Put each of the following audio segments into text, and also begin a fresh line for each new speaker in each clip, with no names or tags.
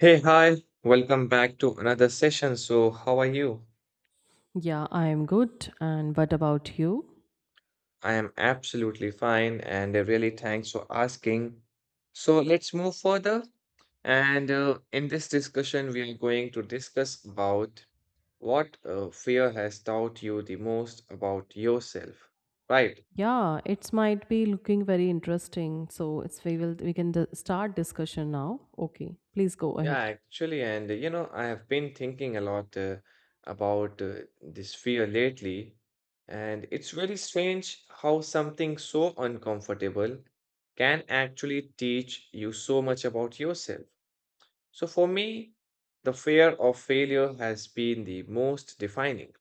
Hey, hi, welcome back to another session. So, how are you?
Yeah, I am good. And what about you?
I am absolutely fine and really thanks for asking. So, let's move further. And In this discussion, we are going to discuss about what fear has taught you the most about yourself, right?
Yeah, it might be looking very interesting. So it's we will we can d- start discussion now. Okay, please go
Yeah,
ahead.
actually, I have been thinking a lot about this fear lately, and it's really strange how something so uncomfortable can actually teach you so much about yourself. So, for me, the fear of failure has been the most defining.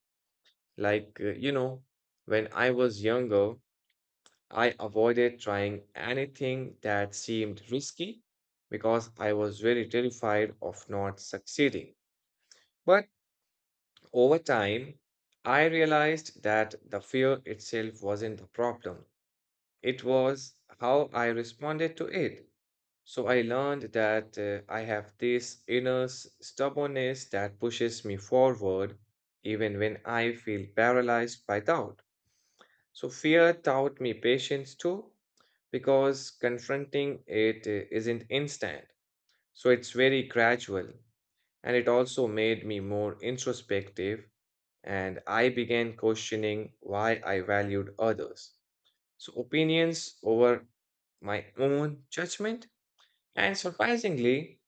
Like, uh, you know, when I was younger, I avoided trying anything that seemed risky because I was very terrified of not succeeding. But over time, I realized that the fear itself wasn't the problem. It was how I responded to it. So I learned that I have this stubbornness that pushes me forward even when I feel paralyzed by doubt. So fear taught me patience too, because confronting it isn't instant. So it's very gradual. And it also made me more introspective and I began questioning why I valued others. So, opinions over my own judgment. And surprisingly,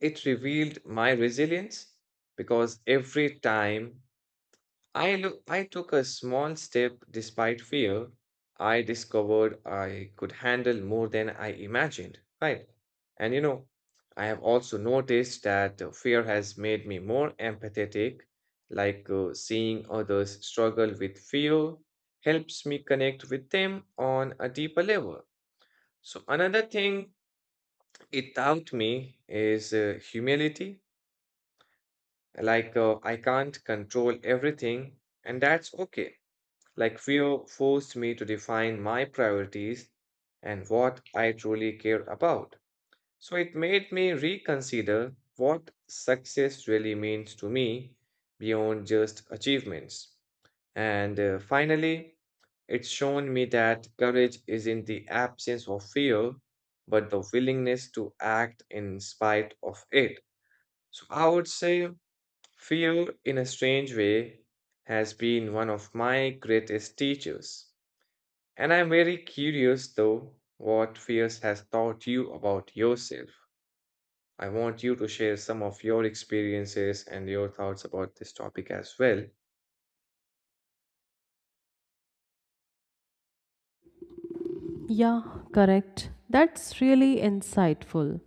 it revealed my resilience because every time I took a small step despite fear. I discovered I could handle more than I imagined, right? And you know, I have also noticed that fear has made me more empathetic, like seeing others struggle with fear helps me connect with them on a deeper level. So another thing it taught me is humility, like I can't control everything, and that's okay. Like, fear forced me to define my priorities and what I truly care about. So, it made me reconsider what success really means to me beyond just achievements. And Finally, it's shown me that courage is in the absence of fear, but the willingness to act in spite of it. So I would say fear, in a strange way, has been one of my greatest teachers. And I'm very curious though what fears has taught you about yourself. I want you to share some of your experiences and your thoughts about this topic as well.
Yeah, correct. That's really insightful.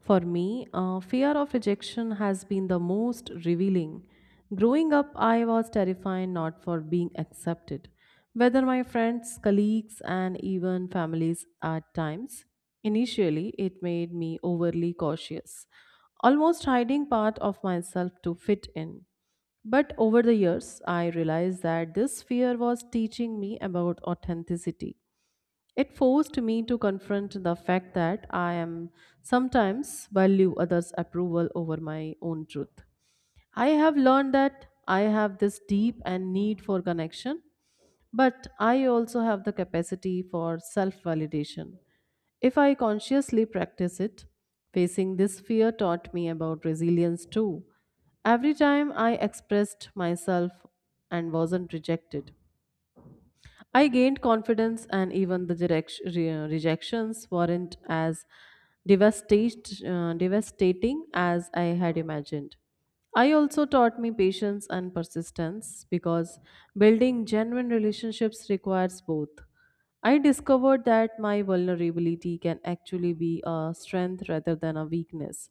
For me, fear of rejection has been the most revealing. Growing up, I was terrified not for being accepted, whether my friends, colleagues, and even families at times. Initially, it made me overly cautious, almost hiding part of myself to fit in. But over the years, I realized that this fear was teaching me about authenticity. It forced me to confront the fact that I am sometimes value others' approval over my own truth. I have learned that I have this deep and need for connection, but I also have the capacity for self validation. If I consciously practice it, facing this fear taught me about resilience too. Every time I expressed myself and wasn't rejected, I gained confidence, and even the rejections weren't as devastating as I had imagined. I also taught me patience and persistence because building genuine relationships requires both. I discovered that my vulnerability can actually be a strength rather than a weakness,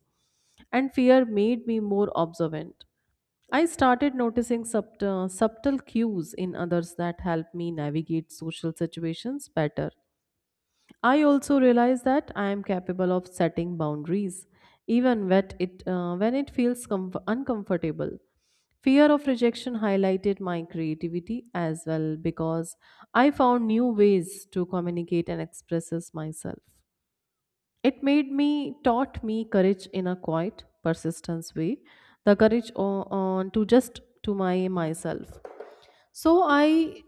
and fear made me more observant. I started noticing subtle cues in others that help me navigate social situations better. I also realize that I am capable of setting boundaries, even when it feels uncomfortable. Fear of rejection highlighted my creativity as well because I found new ways to communicate and express myself. It taught me courage in a quiet, persistence way, the courage on to just to my myself. So I,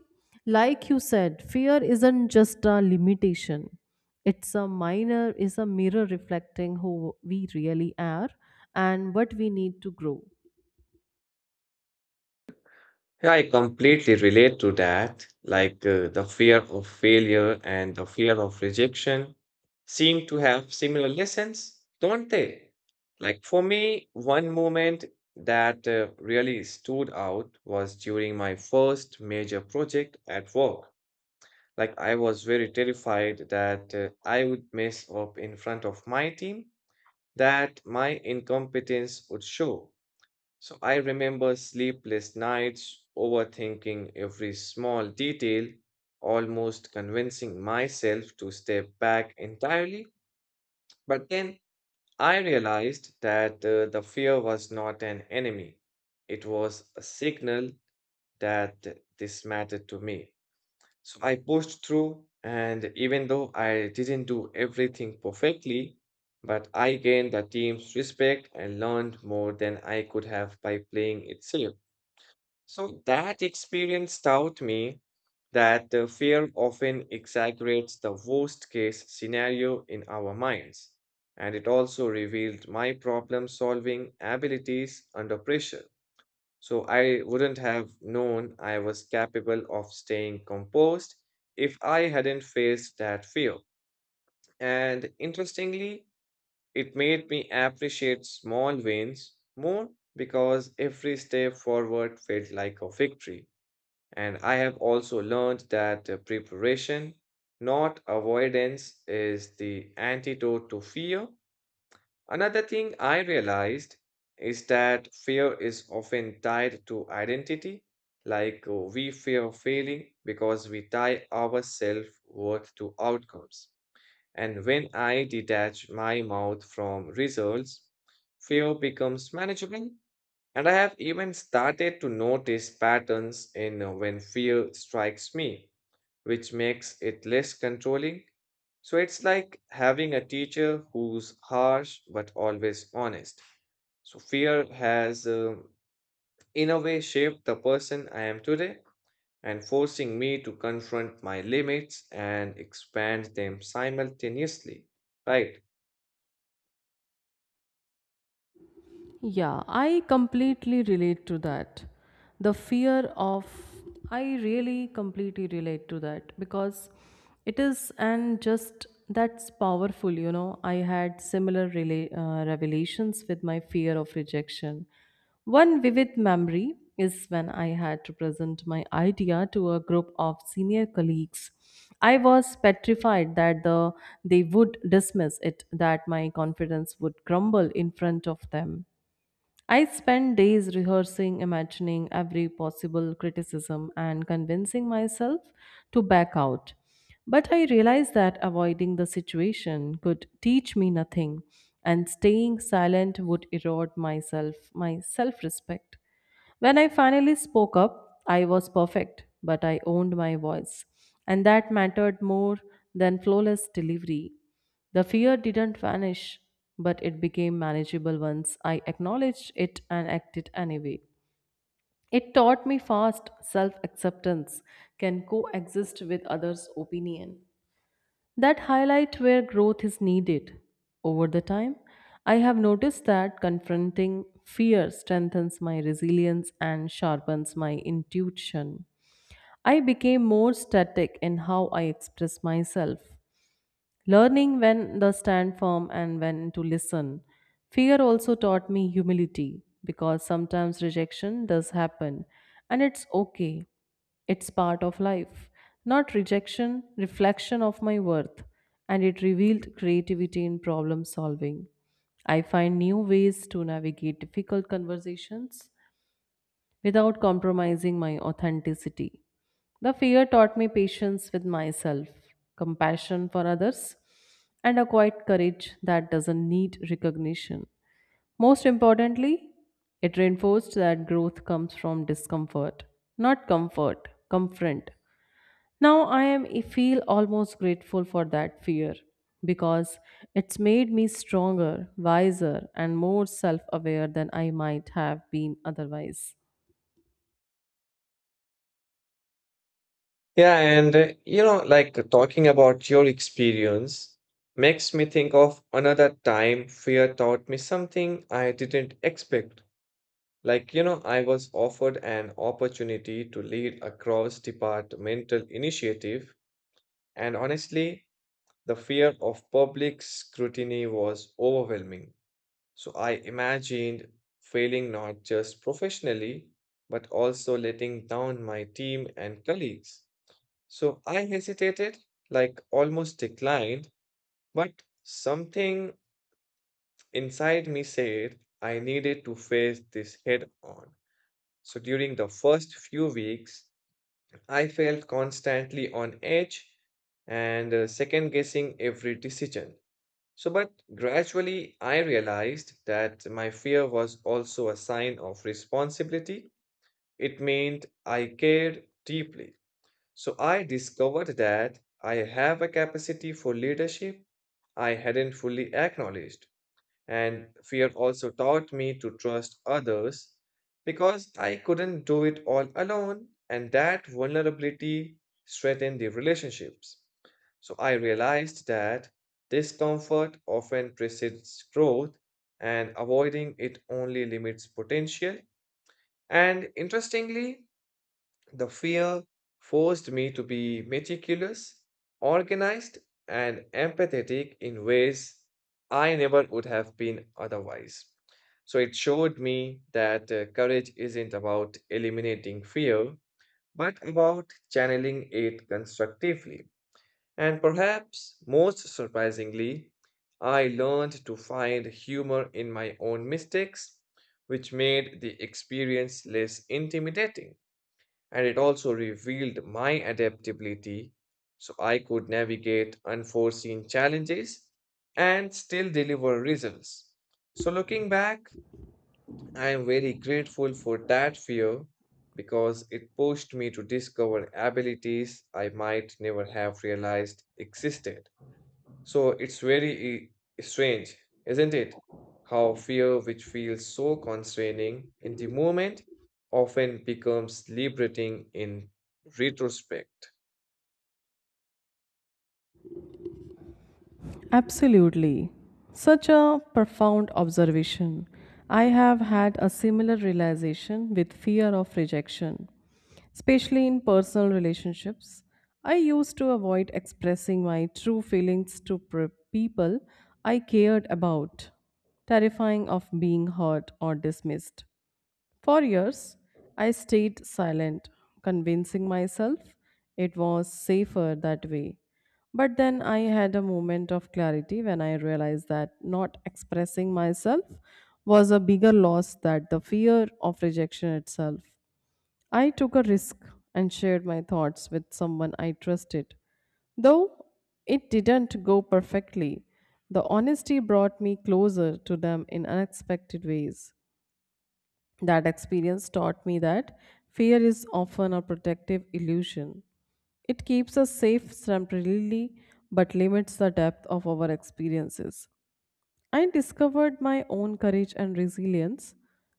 like you said, fear isn't just a limitation. It's a minor, is a mirror reflecting who we really are and what we need to grow.
Yeah, I completely relate to that. Like the fear of failure and the fear of rejection seem to have similar lessons, don't they? Like for me, one moment that really stood out was during my first major project at work. Like, I was very terrified that I would mess up in front of my team, that my incompetence would show. So I remember sleepless nights, overthinking every small detail, almost convincing myself to step back entirely. But then I realized that the fear was not an enemy, it was a signal that this mattered to me. So I pushed through, and even though I didn't do everything perfectly, but I gained the team's respect and learned more than I could have by playing it safe. So that experience taught me that the fear often exaggerates the worst case scenario in our minds. And it also revealed my problem solving abilities under pressure. So I wouldn't have known I was capable of staying composed if I hadn't faced that fear. And interestingly, it made me appreciate small wins more because every step forward felt like a victory. And I have also learned that preparation, not avoidance, is the antidote to fear. Another thing I realized is that fear is often tied to identity, like we fear failing because we tie our self worth to outcomes. And when I detach my mouth from results, fear becomes manageable. And I have even started to notice patterns in when fear strikes me, which makes it less controlling. So it's like having a teacher who's harsh but always honest. So fear has, in a way, shaped the person I am today and forcing me to confront my limits and expand them simultaneously. Right.
Yeah, I completely relate to that. The fear of, I really completely relate to that because it is, and just that's powerful, you know. I had similar revelations with my fear of rejection. One vivid memory is when I had to present my idea to a group of senior colleagues. I was petrified they would dismiss it, that my confidence would crumble in front of them. I spent days rehearsing, imagining every possible criticism, and convincing myself to back out. But I realized that avoiding the situation could teach me nothing, and staying silent would erode myself, my self respect. When I finally spoke up, I was perfect, but I owned my voice, and that mattered more than flawless delivery. The fear didn't vanish, but it became manageable once I acknowledged it and acted anyway. It taught me fast self acceptance can coexist with others' opinion. That highlight where growth is needed. Over the time, I have noticed that confronting fear strengthens my resilience and sharpens my intuition. I became more static in how I express myself, learning when to stand firm and when to listen. Fear also taught me humility because sometimes rejection does happen and it's okay. It's part of life. Not rejection, reflection of my worth. And it revealed creativity in problem solving. I find new ways to navigate difficult conversations without compromising my authenticity. The fear taught me patience with myself, compassion for others, and a quiet courage that doesn't need recognition. Most importantly, it reinforced that growth comes from discomfort, not comfort, Confront. Now I feel almost grateful for that fear because it's made me stronger, wiser, and more self-aware than I might have been otherwise.
Yeah. And, you know, like Talking about your experience makes me think of another time fear taught me something I didn't expect. Like, you know, I was offered an opportunity to lead a cross-departmental initiative, and honestly, the fear of public scrutiny was overwhelming. So I imagined failing not just professionally, but also letting down my team and colleagues. So I hesitated, like almost declined, but something inside me said I needed to face this head on. So during the first few weeks, I felt constantly on edge and second guessing every decision. So, but gradually I realized that my fear was also a sign of responsibility. It meant I cared deeply. So, I discovered that I have a capacity for leadership I hadn't fully acknowledged. And fear also taught me to trust others because I couldn't do it all alone, and that vulnerability strengthened the relationships. So I realized that discomfort often precedes growth, and avoiding it only limits potential. And interestingly, the fear forced me to be meticulous, organized, and empathetic in ways I never would have been otherwise. So it showed me that courage isn't about eliminating fear, but about channeling it constructively. And perhaps most surprisingly, I learned to find humor in my own mistakes, which made the experience less intimidating, and it also revealed my adaptability so I could navigate unforeseen challenges and still deliver results. So, looking back, I am very grateful for that fear because it pushed me to discover abilities I might never have realized existed. So it's very strange, isn't it? How fear, which feels so constraining in the moment, often becomes liberating in retrospect.
Absolutely. Such a profound observation. I have had a similar realization with fear of rejection, especially in personal relationships. I used to avoid expressing my true feelings to people I cared about, terrifying of being hurt or dismissed. For years, I stayed silent, convincing myself it was safer that way. But then I had a moment of clarity when I realized that not expressing myself was a bigger loss than the fear of rejection itself. I took a risk and shared my thoughts with someone I trusted. Though it didn't go perfectly, the honesty brought me closer to them in unexpected ways. That experience taught me that fear is often a protective illusion. It keeps us safe temporarily but limits the depth of our experiences. I discovered my own courage and resilience,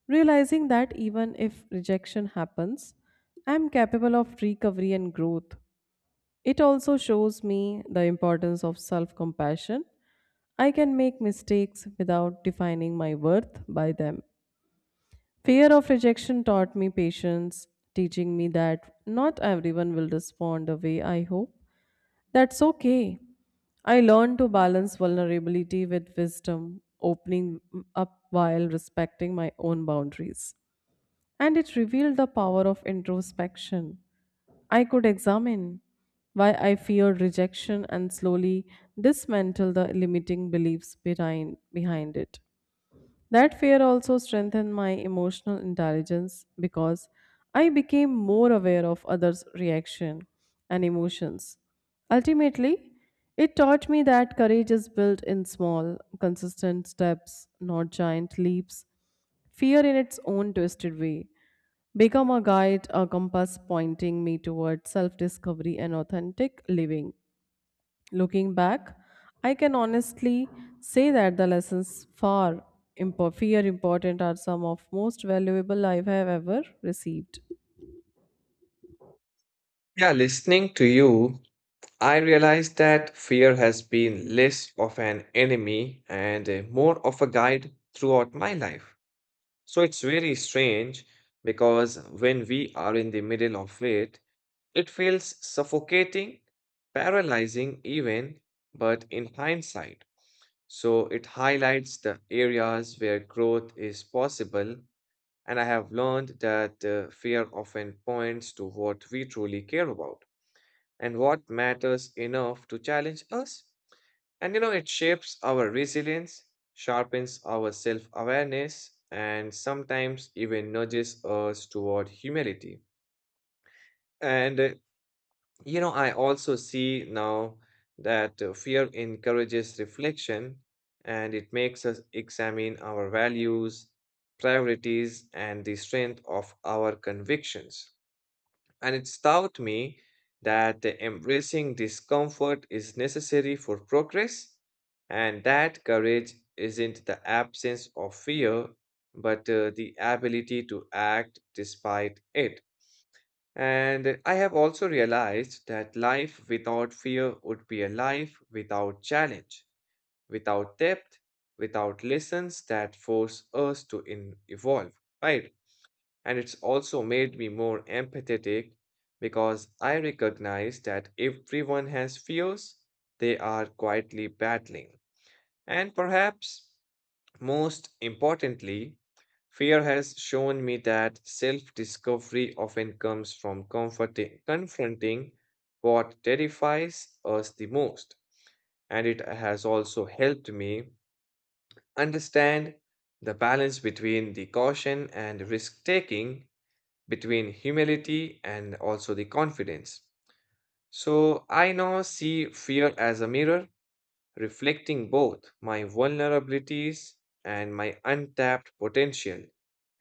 realizing that even if rejection happens, I am capable of recovery and growth. It also shows me the importance of self compassion. I can make mistakes without defining my worth by them. Fear of rejection taught me patience, teaching me that not everyone will respond the way I hope. That's okay. I learned to balance vulnerability with wisdom, opening up while respecting my own boundaries. And it revealed the power of introspection. I could examine why I feared rejection and slowly dismantle the limiting beliefs behind it. That fear also strengthened my emotional intelligence because I became more aware of others' reaction and emotions. Ultimately, it taught me that courage is built in small, consistent steps, not giant leaps. Fear in its own twisted way become a guide, a compass pointing me toward self discovery and authentic living. Looking back, I can honestly say that the lessons fear important are some of most valuable I have ever received.
Yeah, listening to you, I realized that fear has been less of an enemy and more of a guide throughout my life. So it's very strange because when we are in the middle of it, it feels suffocating, paralyzing, even, but in hindsight. So it highlights the areas where growth is possible, and I have learned that fear often points to what we truly care about and what matters enough to challenge us. And you know, it shapes our resilience, sharpens our self awareness, and sometimes even nudges us toward humility. And uh, I also see now that fear encourages reflection and it makes us examine our values, priorities, and the strength of our convictions. And it's taught me that embracing discomfort is necessary for progress and that courage isn't the absence of fear, but the ability to act despite it. And I have also realized that life without fear would be a life without challenge, without depth, without lessons that force us to evolve, right? And it's also made me more empathetic because I recognize that everyone has fears they are quietly battling. And perhaps most importantly, fear has shown me that self discovery often comes from confronting what terrifies us the most. And it has also helped me understand the balance between the caution and risk taking, between humility and also the confidence. So I now see fear as a mirror reflecting both my vulnerabilities and my untapped potential.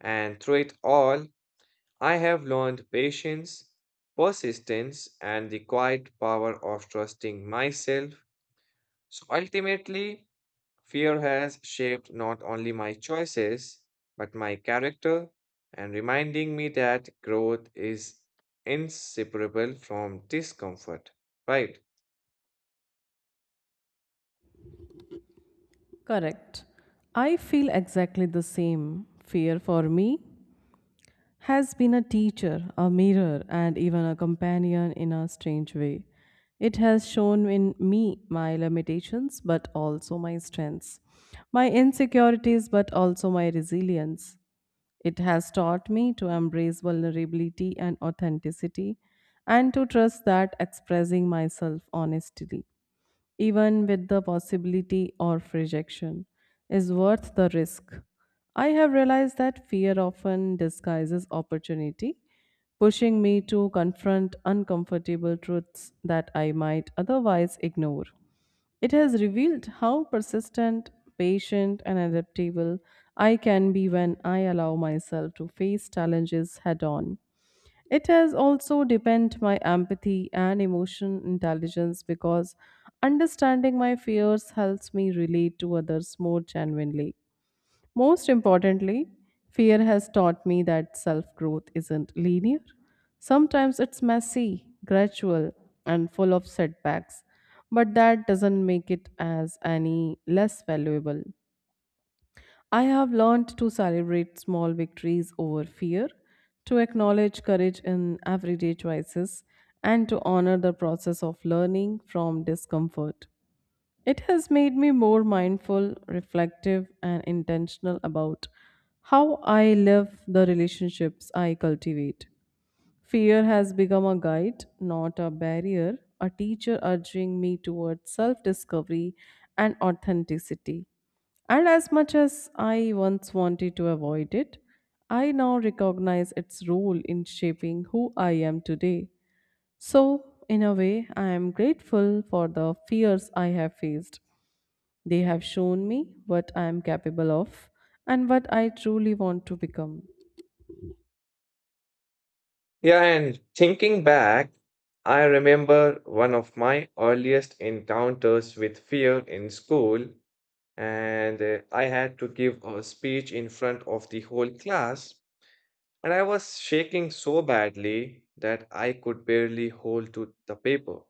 And through it all, I have learned patience, persistence, and the quiet power of trusting myself. So ultimately, fear has shaped not only my choices, but my character and reminding me that growth is inseparable from discomfort, right?
Correct. I feel exactly the same. Fear for me has been a teacher, a mirror, and even a companion in a strange way. It has shown in me my limitations, but also my strengths, my insecurities, but also my resilience. It has taught me to embrace vulnerability and authenticity and to trust that expressing myself honestly even with the possibility of rejection, is worth the risk. I have realized that fear often disguises opportunity, pushing me to confront uncomfortable truths that I might otherwise ignore. It has revealed how persistent, patient, and adaptable I can be when I allow myself to face challenges head on. It has also deepened my empathy and emotion intelligence because understanding my fears helps me relate to others more genuinely. Most importantly, fear has taught me that self growth isn't linear. Sometimes it's messy, gradual, and full of setbacks, but that doesn't make it as any less valuable. I have learned to celebrate small victories over fear, to acknowledge courage in everyday choices, and to honor the process of learning from discomfort. It has made me more mindful, reflective, and intentional about how I live the relationships I cultivate. Fear has become a guide, not a barrier, a teacher urging me towards self discovery and authenticity. And as much as I once wanted to avoid it, I now recognize its role in shaping who I am today. So, in a way, I am grateful for the fears I have faced. They have shown me what I am capable of and what I truly want to become.
Yeah, and thinking back, I remember one of my earliest encounters with fear in school, and I had to give a speech in front of the whole class, and I was shaking so badly that I could barely hold to the paper.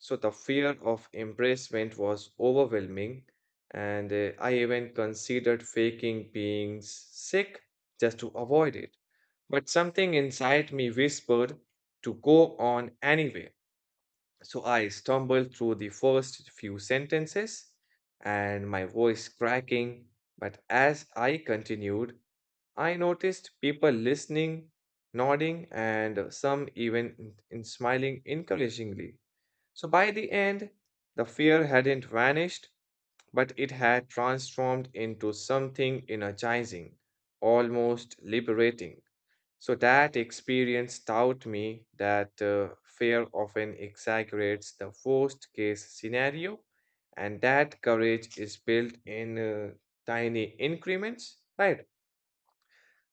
So the fear of embarrassment was overwhelming, and I even considered faking being sick just to avoid it. But something inside me whispered to go on anyway. So I stumbled through the first few sentences and my voice cracking. But as I continued, I noticed people listening, nodding, and some even in smiling encouragingly. So by the end, the fear hadn't vanished, but it had transformed into something energizing, almost liberating. So that experience taught me that fear often exaggerates the worst case scenario, and that courage is built in tiny increments, right?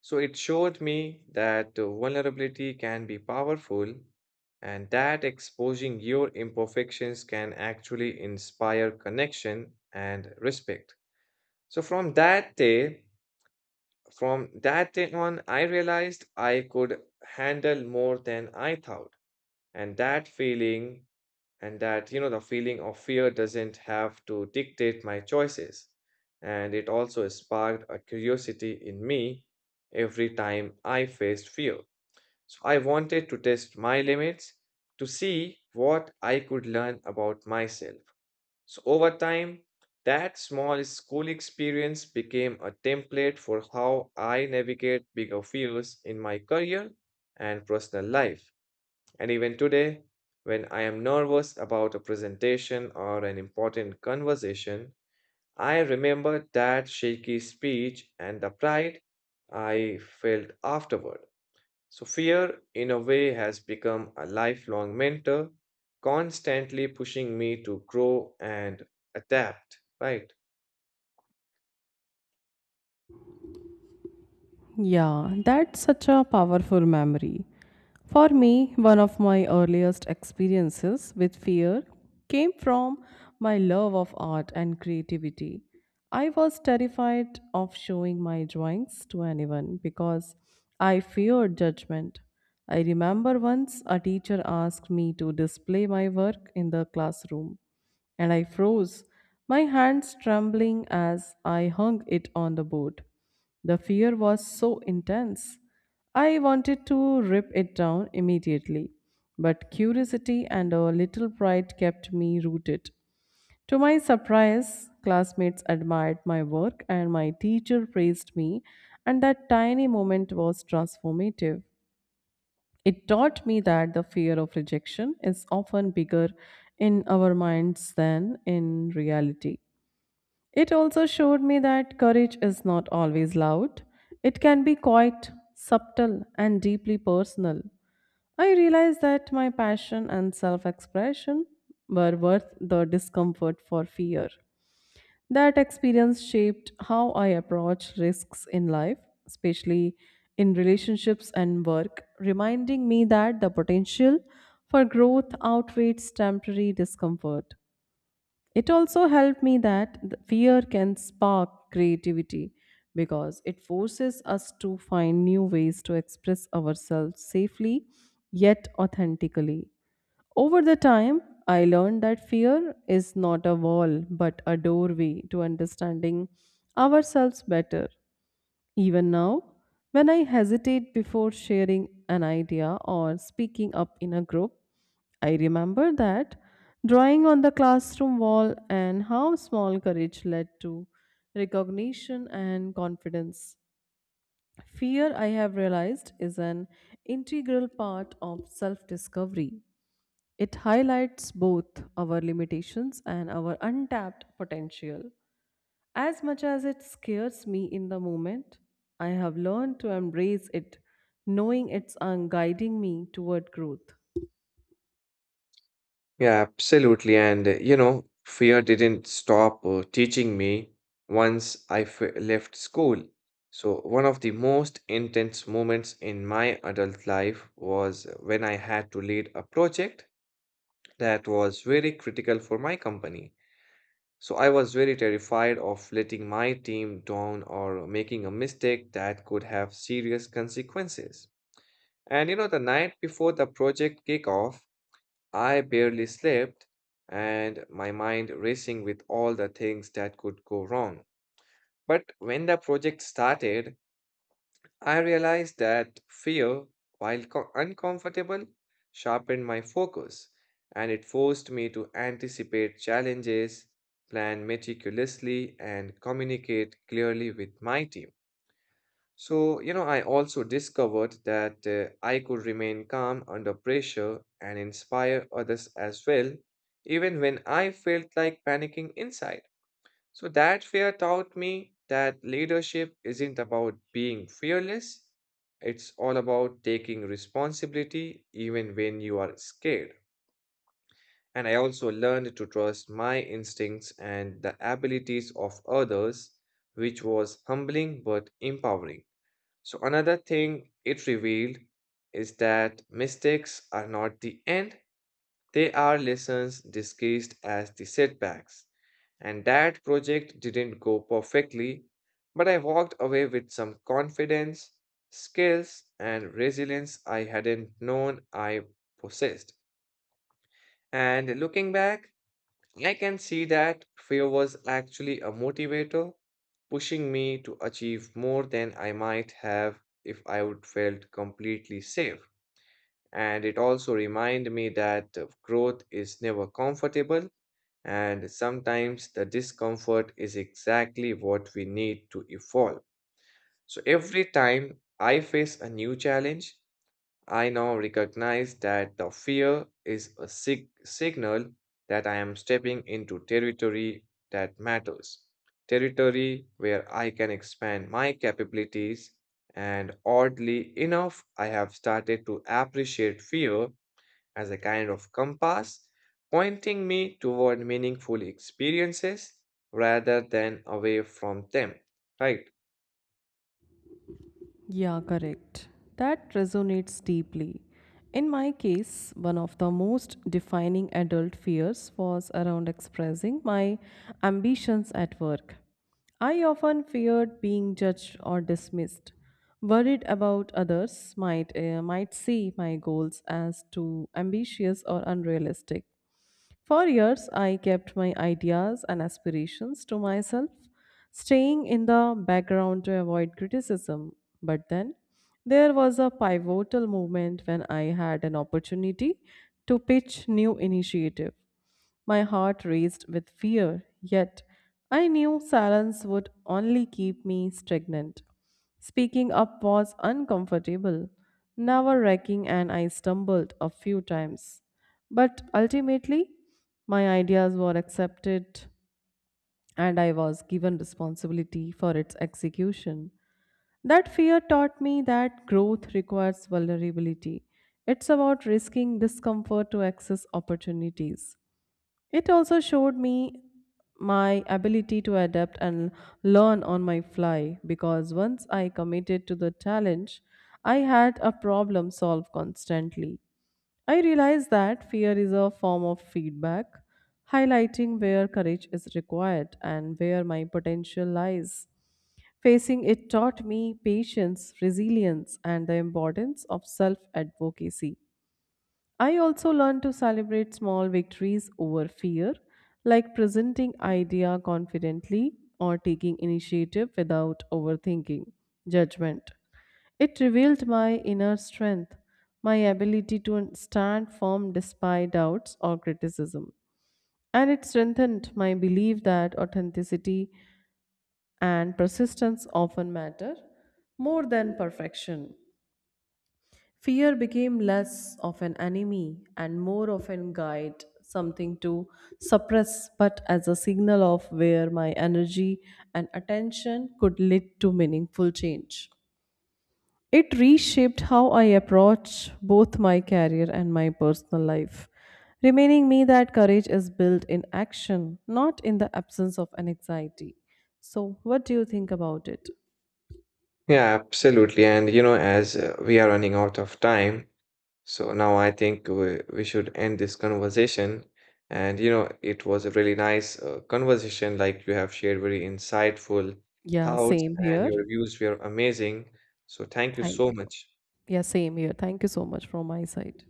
So it showed me that vulnerability can be powerful and that exposing your imperfections can actually inspire connection and respect. So from that day on, I realized I could handle more than I thought. And that feeling and that, you know, the feeling of fear doesn't have to dictate my choices, and it also sparked a curiosity in me every time I faced fear. So I wanted to test my limits to see what I could learn about myself. So over time, that small school experience became a template for how I navigate bigger fears in my career and personal life. And even today, when I am nervous about a presentation or an important conversation, I remember that shaky speech and the pride I felt afterward. So, fear, in a way, has become a lifelong mentor, constantly pushing me to grow and adapt, right?
Yeah, that's such a powerful memory. For me, one of my earliest experiences with fear came from my love of art and creativity. I was terrified of showing my drawings to anyone because I feared judgment. I remember once a teacher asked me to display my work in the classroom, and I froze, my hands trembling as I hung it on the board. The fear was so intense. I wanted to rip it down immediately, but curiosity and a little pride kept me rooted. To my surprise, classmates admired my work and my teacher praised me, and that tiny moment was transformative. It taught me that the fear of rejection is often bigger in our minds than in reality. It also showed me that courage is not always loud. It can be quite subtle and deeply personal. I realized that my passion and self expression were worth the discomfort for fear. That experience shaped how I approach risks in life, especially in relationships and work, reminding me that the potential for growth outweighs temporary discomfort. It also helped me that the fear can spark creativity because it forces us to find new ways to express ourselves safely yet authentically. Over the time, I learned that fear is not a wall but a doorway to understanding ourselves better. Even now, when I hesitate before sharing an idea or speaking up in a group, I remember that drawing on the classroom wall and how small courage led to recognition and confidence. Fear, I have realized, is an integral part of self discovery. It highlights both our limitations and our untapped potential. As much as it scares me in the moment, I have learned to embrace it, knowing it's guiding me toward growth.
Yeah, absolutely. Fear didn't stop teaching me once left school. So, one of the most intense moments in my adult life was when I had to lead a project that was very critical for my company. So, I was very terrified of letting my team down or making a mistake that could have serious consequences. And, you know, the night before the project kickoff, I barely slept and my mind racing with all the things that could go wrong. But when the project started, I realized that fear, while uncomfortable, sharpened my focus and it forced me to anticipate challenges, plan meticulously, and communicate clearly with my team. So, you know, I also discovered that I could remain calm under pressure and inspire others as well, even when I felt like panicking inside. So, that fear taught me that leadership isn't about being fearless, it's all about taking responsibility even when you are scared. And I also learned to trust my instincts and the abilities of others, which was humbling but empowering. So, another thing it revealed is that mistakes are not the end, they are lessons disguised as the setbacks. And that project didn't go perfectly, but I walked away with some confidence, skills, and resilience I hadn't known I possessed. And looking back, I can see that fear was actually a motivator, pushing me to achieve more than I might have if I would felt completely safe. And it also reminded me that growth is never comfortable, and sometimes the discomfort is exactly what we need to evolve. So every time I face a new challenge, I now recognize that the fear is a signal that I am stepping into territory that matters, territory where I can expand my capabilities. And oddly enough, I have started to appreciate fear as a kind of compass, pointing me toward meaningful experiences rather than away from them. Right?
Yeah, correct. That resonates deeply. In my case, one of the most defining adult fears was around expressing my ambitions at work. I often feared being judged or dismissed, worried about others might see my goals as too ambitious or unrealistic. For years, I kept my ideas and aspirations to myself, staying in the background to avoid criticism. But then there was a pivotal moment when I had an opportunity to pitch new initiative. My heart raced with fear, yet I knew silence would only keep me stagnant. Speaking up was uncomfortable, nerve wracking, and I stumbled a few times. But ultimately, my ideas were accepted and I was given responsibility for its execution. That fear taught me that growth requires vulnerability. It's about risking discomfort to access opportunities. It also showed me my ability to adapt and learn on my fly because once I committed to the challenge, I had a problem solved constantly. I realized that fear is a form of feedback, highlighting where courage is required and where my potential lies. Facing it taught me patience, resilience, and the importance of self advocacy. I also learned to celebrate small victories over fear, like presenting idea confidently or taking initiative without overthinking judgment. It revealed my inner strength, my ability to stand firm despite doubts or criticism, and it strengthened my belief that authenticity and persistence often matter more than perfection. Fear became less of an enemy and more of a guide, something to suppress, but as a signal of where my energy and attention could lead to meaningful change. It reshaped how I approach both my career and my personal life, reminding me that courage is built in action, not in the absence of an anxiety. So, what do you think about it?
Yeah, absolutely. And you know, as we are running out of time, so now I think we should end this conversation. And you know, it was a really nice conversation. Like you have shared very insightful
Yeah,
thoughts,
same
and
here.
your views were amazing. So thank you
Thank
so
you.
much.
Yeah, same here. Thank you so much from my side.